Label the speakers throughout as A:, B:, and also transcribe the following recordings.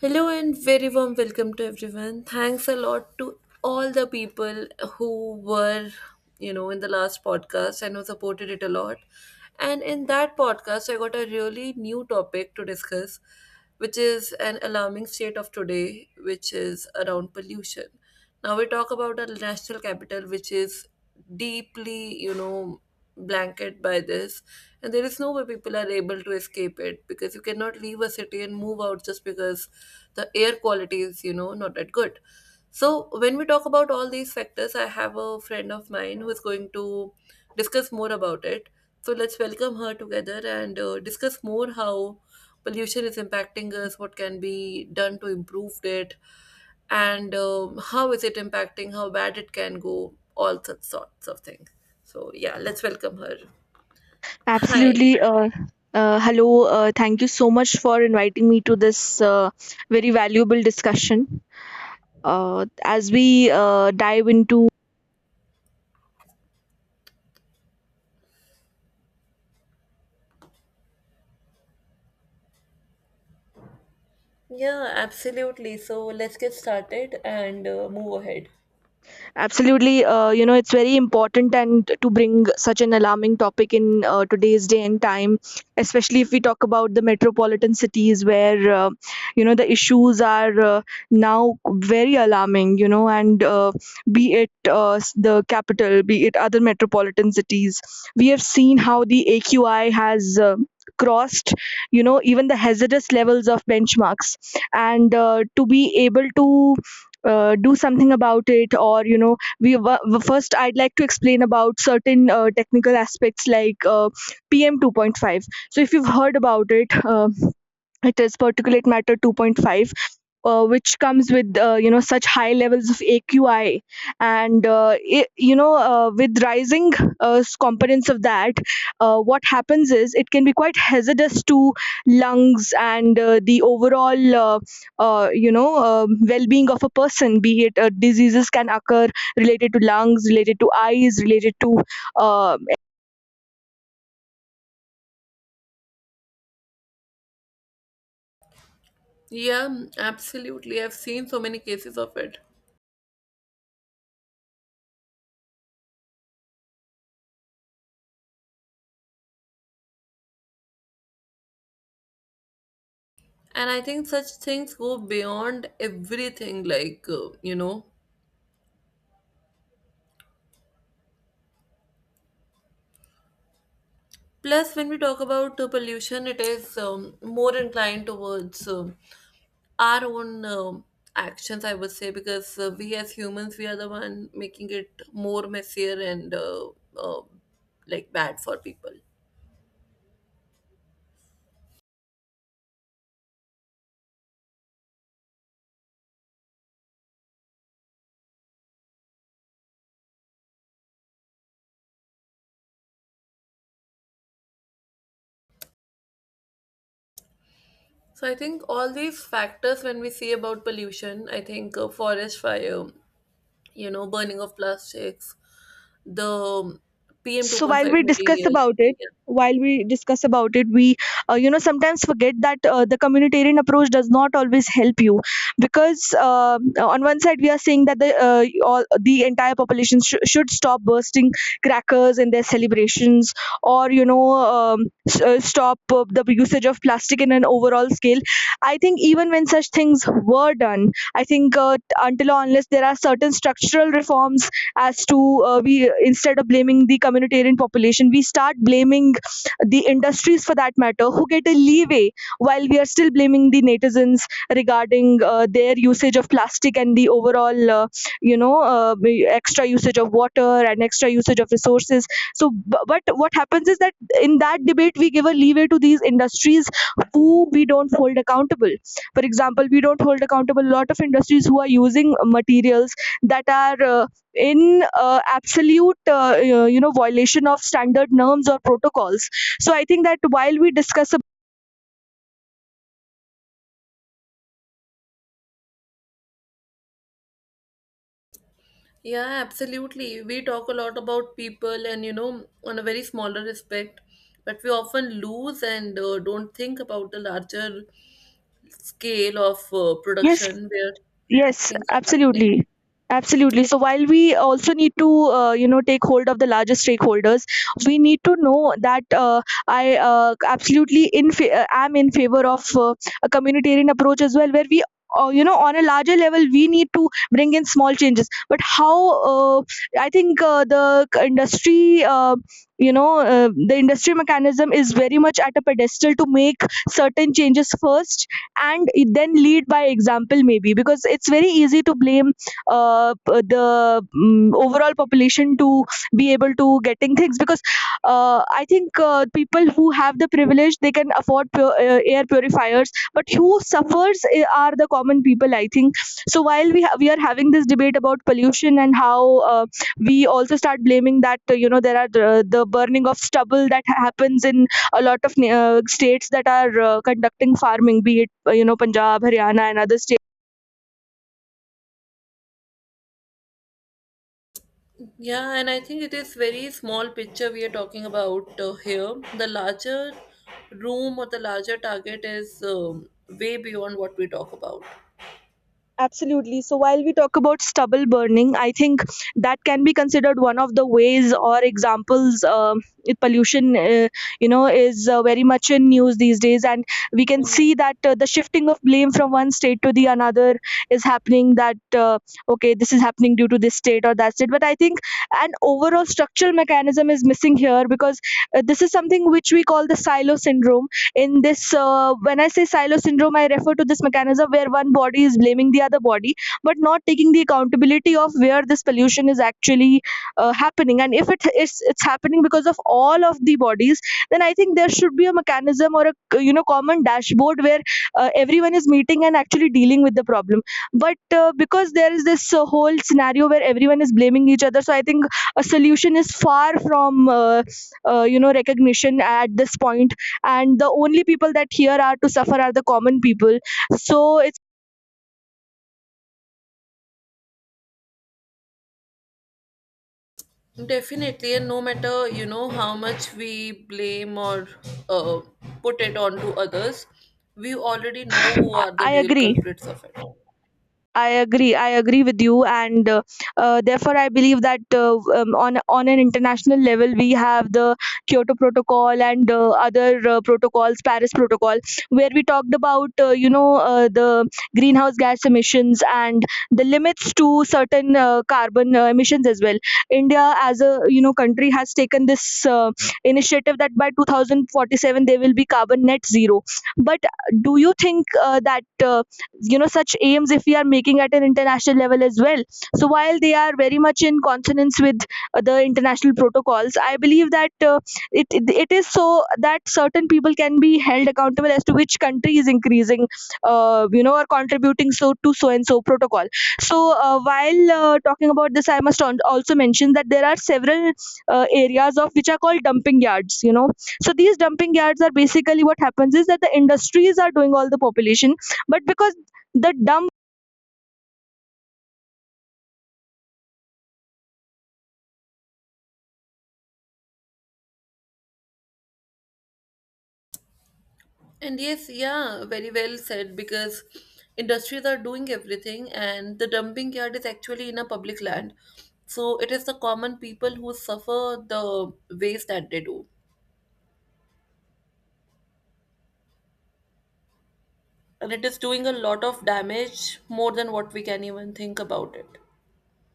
A: Hello and very warm welcome to everyone. Thanks a lot to all the people who were in the last podcast and who supported it a lot. And in that podcast, I got a really new topic to discuss, which is an alarming state of today, which is around pollution. Now we talk about our national capital, which is deeply blanket by this, and there is no way people are able to escape it because you cannot leave a city and move out just because the air quality is not that good. So when we talk about all these factors, I have a friend of mine who is going to discuss more about it. So let's welcome her together and discuss more how pollution is impacting us, what can be done to improve it, and how is it impacting, how bad it can go, all such sorts of things. So yeah, let's welcome her. Hi.
B: Absolutely. Hello. Thank you so much for inviting me to this very valuable discussion. As we dive into.
A: Yeah, absolutely. So let's get started and move ahead.
B: Absolutely, it's very important and to bring such an alarming topic in today's day and time, especially if we talk about the metropolitan cities where, the issues are now very alarming, and be it the capital, be it other metropolitan cities. We have seen how the AQI has crossed, even the hazardous levels of benchmarks. And to be able to do something about it, or first I'd like to explain about certain technical aspects like PM2.5. So if you've heard about it, it is particulate matter 2.5, which comes with such high levels of aqi. And it, you know with rising components of that, what happens is it can be quite hazardous to lungs and the overall, well-being of a person, be it diseases can occur, related to lungs, related to eyes, related to. uh,
A: Yeah, absolutely. I've seen so many cases of it. And I think such things go beyond everything. Plus, when we talk about pollution, it is more inclined towards our own actions, I would say, because we as humans, we are the one making it more messier and uh, like bad for people. So I think all these factors when we see about pollution, I think forest fire, burning of plastics, the PM
B: so while
A: 2.5
B: we discuss
A: material.
B: about it,
A: Yeah.
B: we sometimes forget that the communitarian approach does not always help you, because on one side we are saying that the all the entire population should stop bursting crackers in their celebrations, or stop the usage of plastic in an overall scale. I think even when such things were done, I think, until or unless there are certain structural reforms, as to we, instead of blaming the communitarian population, we start blaming the industries for that matter who get a leeway, while we are still blaming the netizens regarding their usage of plastic and the overall you know uh, extra usage of water and extra usage of resources. So but what happens is that in that debate we give a leeway to these industries who we don't hold accountable. For example, we don't hold accountable a lot of industries who are using materials that are in absolute, violation of standard norms or protocols. So I think that while we discuss
A: Yeah, absolutely. We talk a lot about people and, on a very smaller respect, but we often lose and don't think about the larger scale of
B: yes.
A: production where
B: Yes,
A: things are happening.
B: absolutely. Absolutely. So while we also need to, take hold of the larger stakeholders, we need to know that, I, absolutely, am in favor of a communitarian approach as well, where we, on a larger level, we need to bring in small changes. But how? Uh, I think, industry, the industry mechanism is very much at a pedestal to make certain changes first, and it then lead by example, maybe, because it's very easy to blame the overall population to be able to getting things, because, I think, people who have the privilege, they can afford air purifiers, but who suffers, are the common people, I think. So while we are having this debate about pollution, and how, we also start blaming that, there are the burning of stubble that happens in a lot of states that are conducting farming, be it, Punjab, Haryana, and other states.
A: Yeah, and I think it is very small picture we are talking about here. The larger room or the larger target is way beyond what we talk about.
B: Absolutely. So while we talk about stubble burning, I think that can be considered one of the ways or examples. Pollution, is very much in news these days, and we can see that the shifting of blame from one state to the another is happening. That, okay, this is happening due to this state or that state. But I think an overall structural mechanism is missing here, because this is something which we call the silo syndrome. In this, when I say silo syndrome, I refer to this mechanism where one body is blaming the other body, but not taking the accountability of where this pollution is actually happening. And if it's happening because of all of the bodies, then I think there should be a mechanism, or a, common dashboard where everyone is meeting and actually dealing with the problem. But because there is this whole scenario where everyone is blaming each other, so I think a solution is far from, recognition at this point. And the only people that here are to suffer are the common people. So it's—
A: Definitely, and no matter how much we blame or uh, put it onto others, we already know who are the
B: i
A: real
B: agree
A: culprits of it.
B: I agree. I agree with you, and, therefore I believe that, on an international level we have the Kyoto Protocol and other protocols, Paris Protocol, where we talked about, the greenhouse gas emissions and the limits to certain carbon emissions as well. India, as a, country, has taken this initiative that by 2047 they will be carbon net zero. But do you think, that, such aims, if we are making at an international level as well, so while they are very much in consonance with the international protocols, I believe that, it is so that certain people can be held accountable as to which country is increasing, or contributing so to so and so protocol. So while talking about this, I must also mention that there are several areas of which are called dumping yards, you know. So these dumping yards are basically, what happens is that the industries are doing all the population, but because the dump—
A: And yes, yeah, very well said because industries are doing everything, and the dumping yard is actually in a public land, so it is the common people who suffer the waste that they do, and it is doing a lot of damage more than what we can even think about it.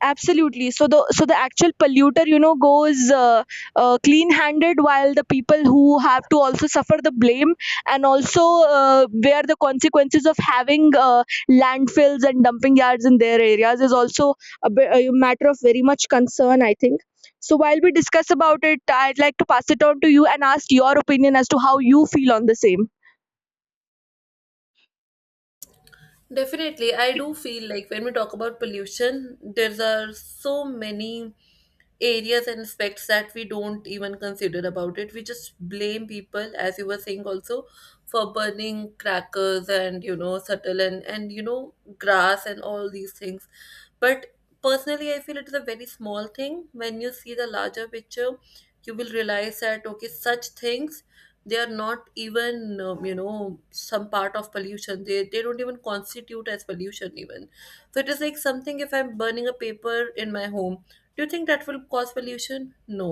B: absolutely. So the actual polluter, goes clean handed, while the people who have to also suffer the blame, and also bear the consequences of having landfills and dumping yards in their areas, is also a matter of very much concern, I think. So while we discuss about it, I'd like to pass it on to you and ask your opinion as to how you feel on the same.
A: Definitely, I do feel like when we talk about pollution, there are so many areas and aspects that we don't even consider about it. We just blame people, as you were saying also, for burning crackers and, subtle and, grass and all these things. But personally, I feel it is a very small thing when you see the larger picture. You will realize that okay, such things, they are not even some part of pollution. They don't even constitute as pollution even. So it is like something, if I'm burning a paper in my home, do you think that will cause pollution? No,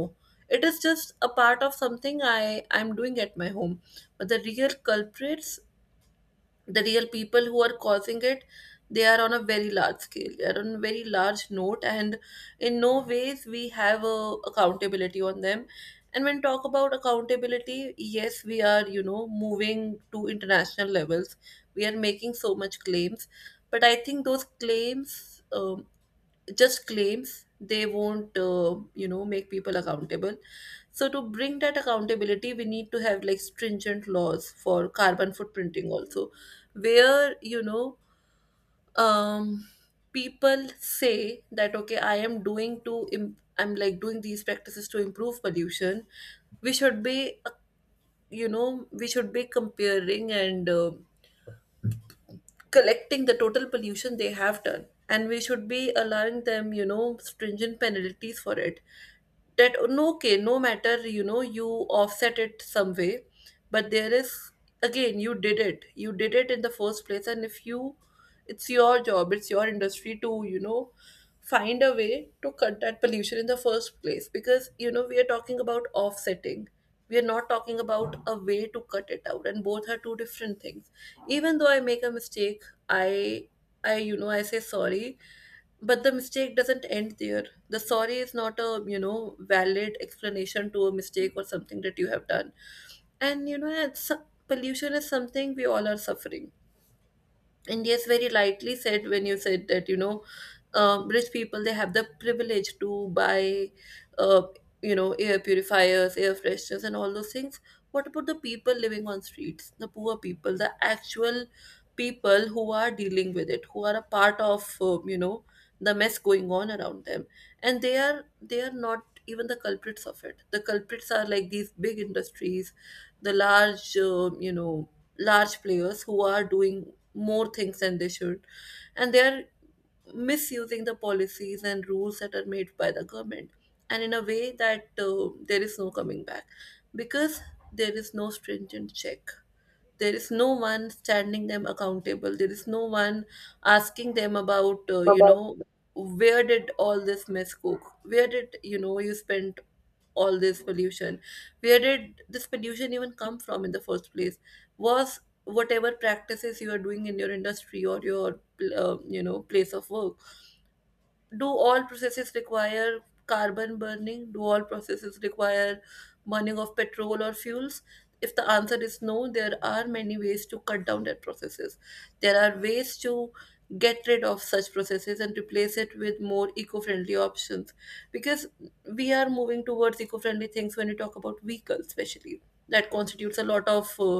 A: it is just a part of something I'm doing at my home. But the real culprits, the real people who are causing it, they are on a very large scale, they are on a very large note, and in no ways we have a accountability on them. And when talk about accountability, yes, we are moving to international levels. We are making so much claims, but I think those claims, just claims, they won't make people accountable. So to bring that accountability, we need to have like stringent laws for carbon footprinting also, where um people say that okay, I'm like doing these practices to improve pollution. We should be you know we should be comparing and collecting the total pollution they have done. And we should be allowing them stringent penalties for it. That no, okay, no matter you offset it some way. But there is, again, you did it, you did it in the first place. And if you it's your job, it's your industry to find a way to cut that pollution in the first place. Because we are talking about offsetting, we are not talking about a way to cut it out, and both are two different things. Even though I make a mistake, I I you know I say sorry, but the mistake doesn't end there. The sorry is not a valid explanation to a mistake or something that you have done. And pollution is something we all are suffering. And yes, very lightly said when you said that rich people, they have the privilege to buy uh, air purifiers, air fresheners, and all those things. What about the people living on streets, the poor people, the actual people who are dealing with it, who are a part of the mess going on around them? And they are not even the culprits of it. The culprits are like these big industries, the large you know large players who are doing more things than they should. And they are misusing the policies and rules that are made by the government, and in a way that there is no coming back. Because there is no stringent check, there is no one standing them accountable, there is no one asking them about where did all this mess cook, where did you spent all this pollution, where did this pollution even come from in the first place? Was whatever practices you are doing in your industry or your place of work? Do all processes require carbon burning? Do all processes require burning of petrol or fuels? If the answer is no, there are many ways to cut down that processes. There are ways to get rid of such processes and replace it with more eco-friendly options. Because we are moving towards eco-friendly things when we talk about vehicles especially, that constitutes a lot of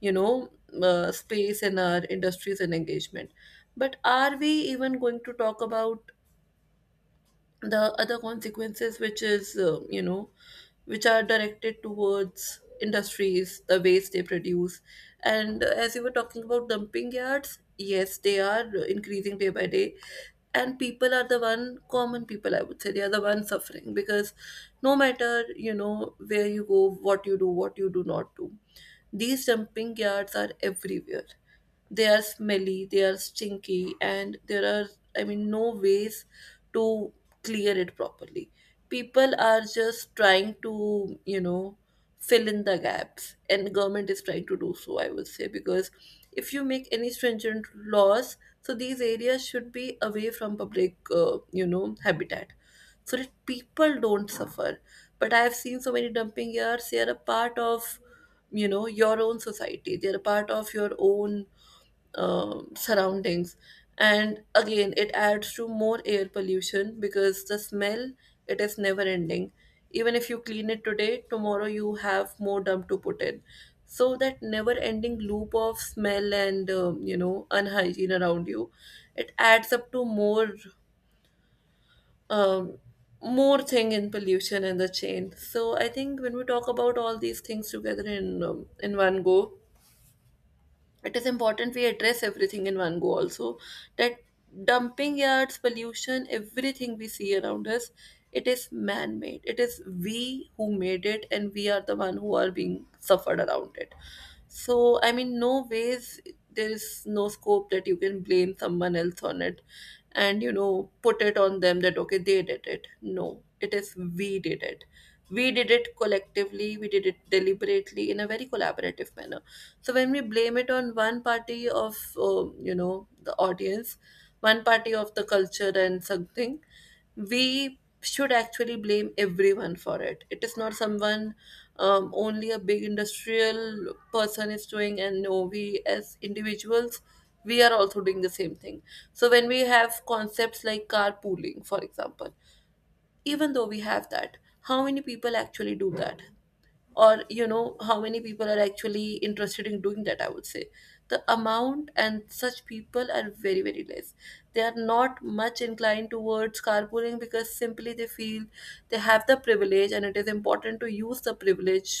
A: you know space in our industries and engagement. But are we even going to talk about the other consequences, which is you know which are directed towards industries, the waste they produce. And as you were talking about dumping yards, yes, they are increasing day by day. And people are the one, common people, I would say, they are the one suffering. Because no matter where you go, what you do, what you do not do, these dumping yards are everywhere. They are smelly, they are stinky, and there are, I mean, no ways to clear it properly. People are just trying to, fill in the gaps, and government is trying to do so, I would say, because if you make any stringent laws, so these areas should be away from public, habitat, so that people don't suffer. But I have seen so many dumping yards; they are a part of your own society, they are a part of your own surroundings. And again, it adds to more air pollution because the smell, it is never ending. Even if you clean it today, tomorrow you have more dump to put in. So that never ending loop of smell and unhygiene around you, it adds up to um, more thing in pollution and the chain. So I think when we talk about all these things together in one go, it is important we address everything in one go also. That dumping yards, pollution, everything we see around us, it is man made, it is we who made it, and we are the one who are being suffered around it. So I mean no ways, there is no scope that you can blame someone else on it and put it on them that okay, they did it. No, it is we did it. We did it collectively, we did it deliberately in a very collaborative manner. So when we blame it on one party of the audience, one party of the culture and something, we should actually blame everyone for it. It is not someone only a big industrial person is doing. And no, we as individuals, we are also doing the same thing. So when we have concepts like carpooling, for example, even though we have that, how many people actually do that? Or how many people are actually interested in doing that, I would say. The amount and such people are very very less. They are not much inclined towards carpooling because simply they feel they have the privilege, and it is important to use the privilege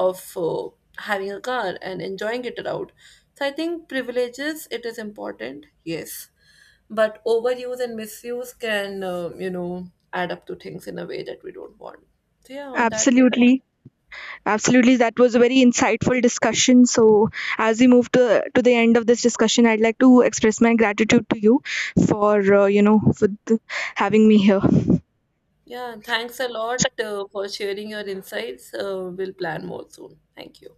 A: of having a car and enjoying it around. So I think privileges, it is important, yes, but overuse and misuse can add up to things in a way that we don't want. So yeah, on that note.
B: absolutely Absolutely, that was a very insightful discussion. So, as we move to the end of this discussion, I'd like to express my gratitude to you, for having me here.
A: Yeah, thanks a lot for sharing your insights. We'll plan more soon. Thank you.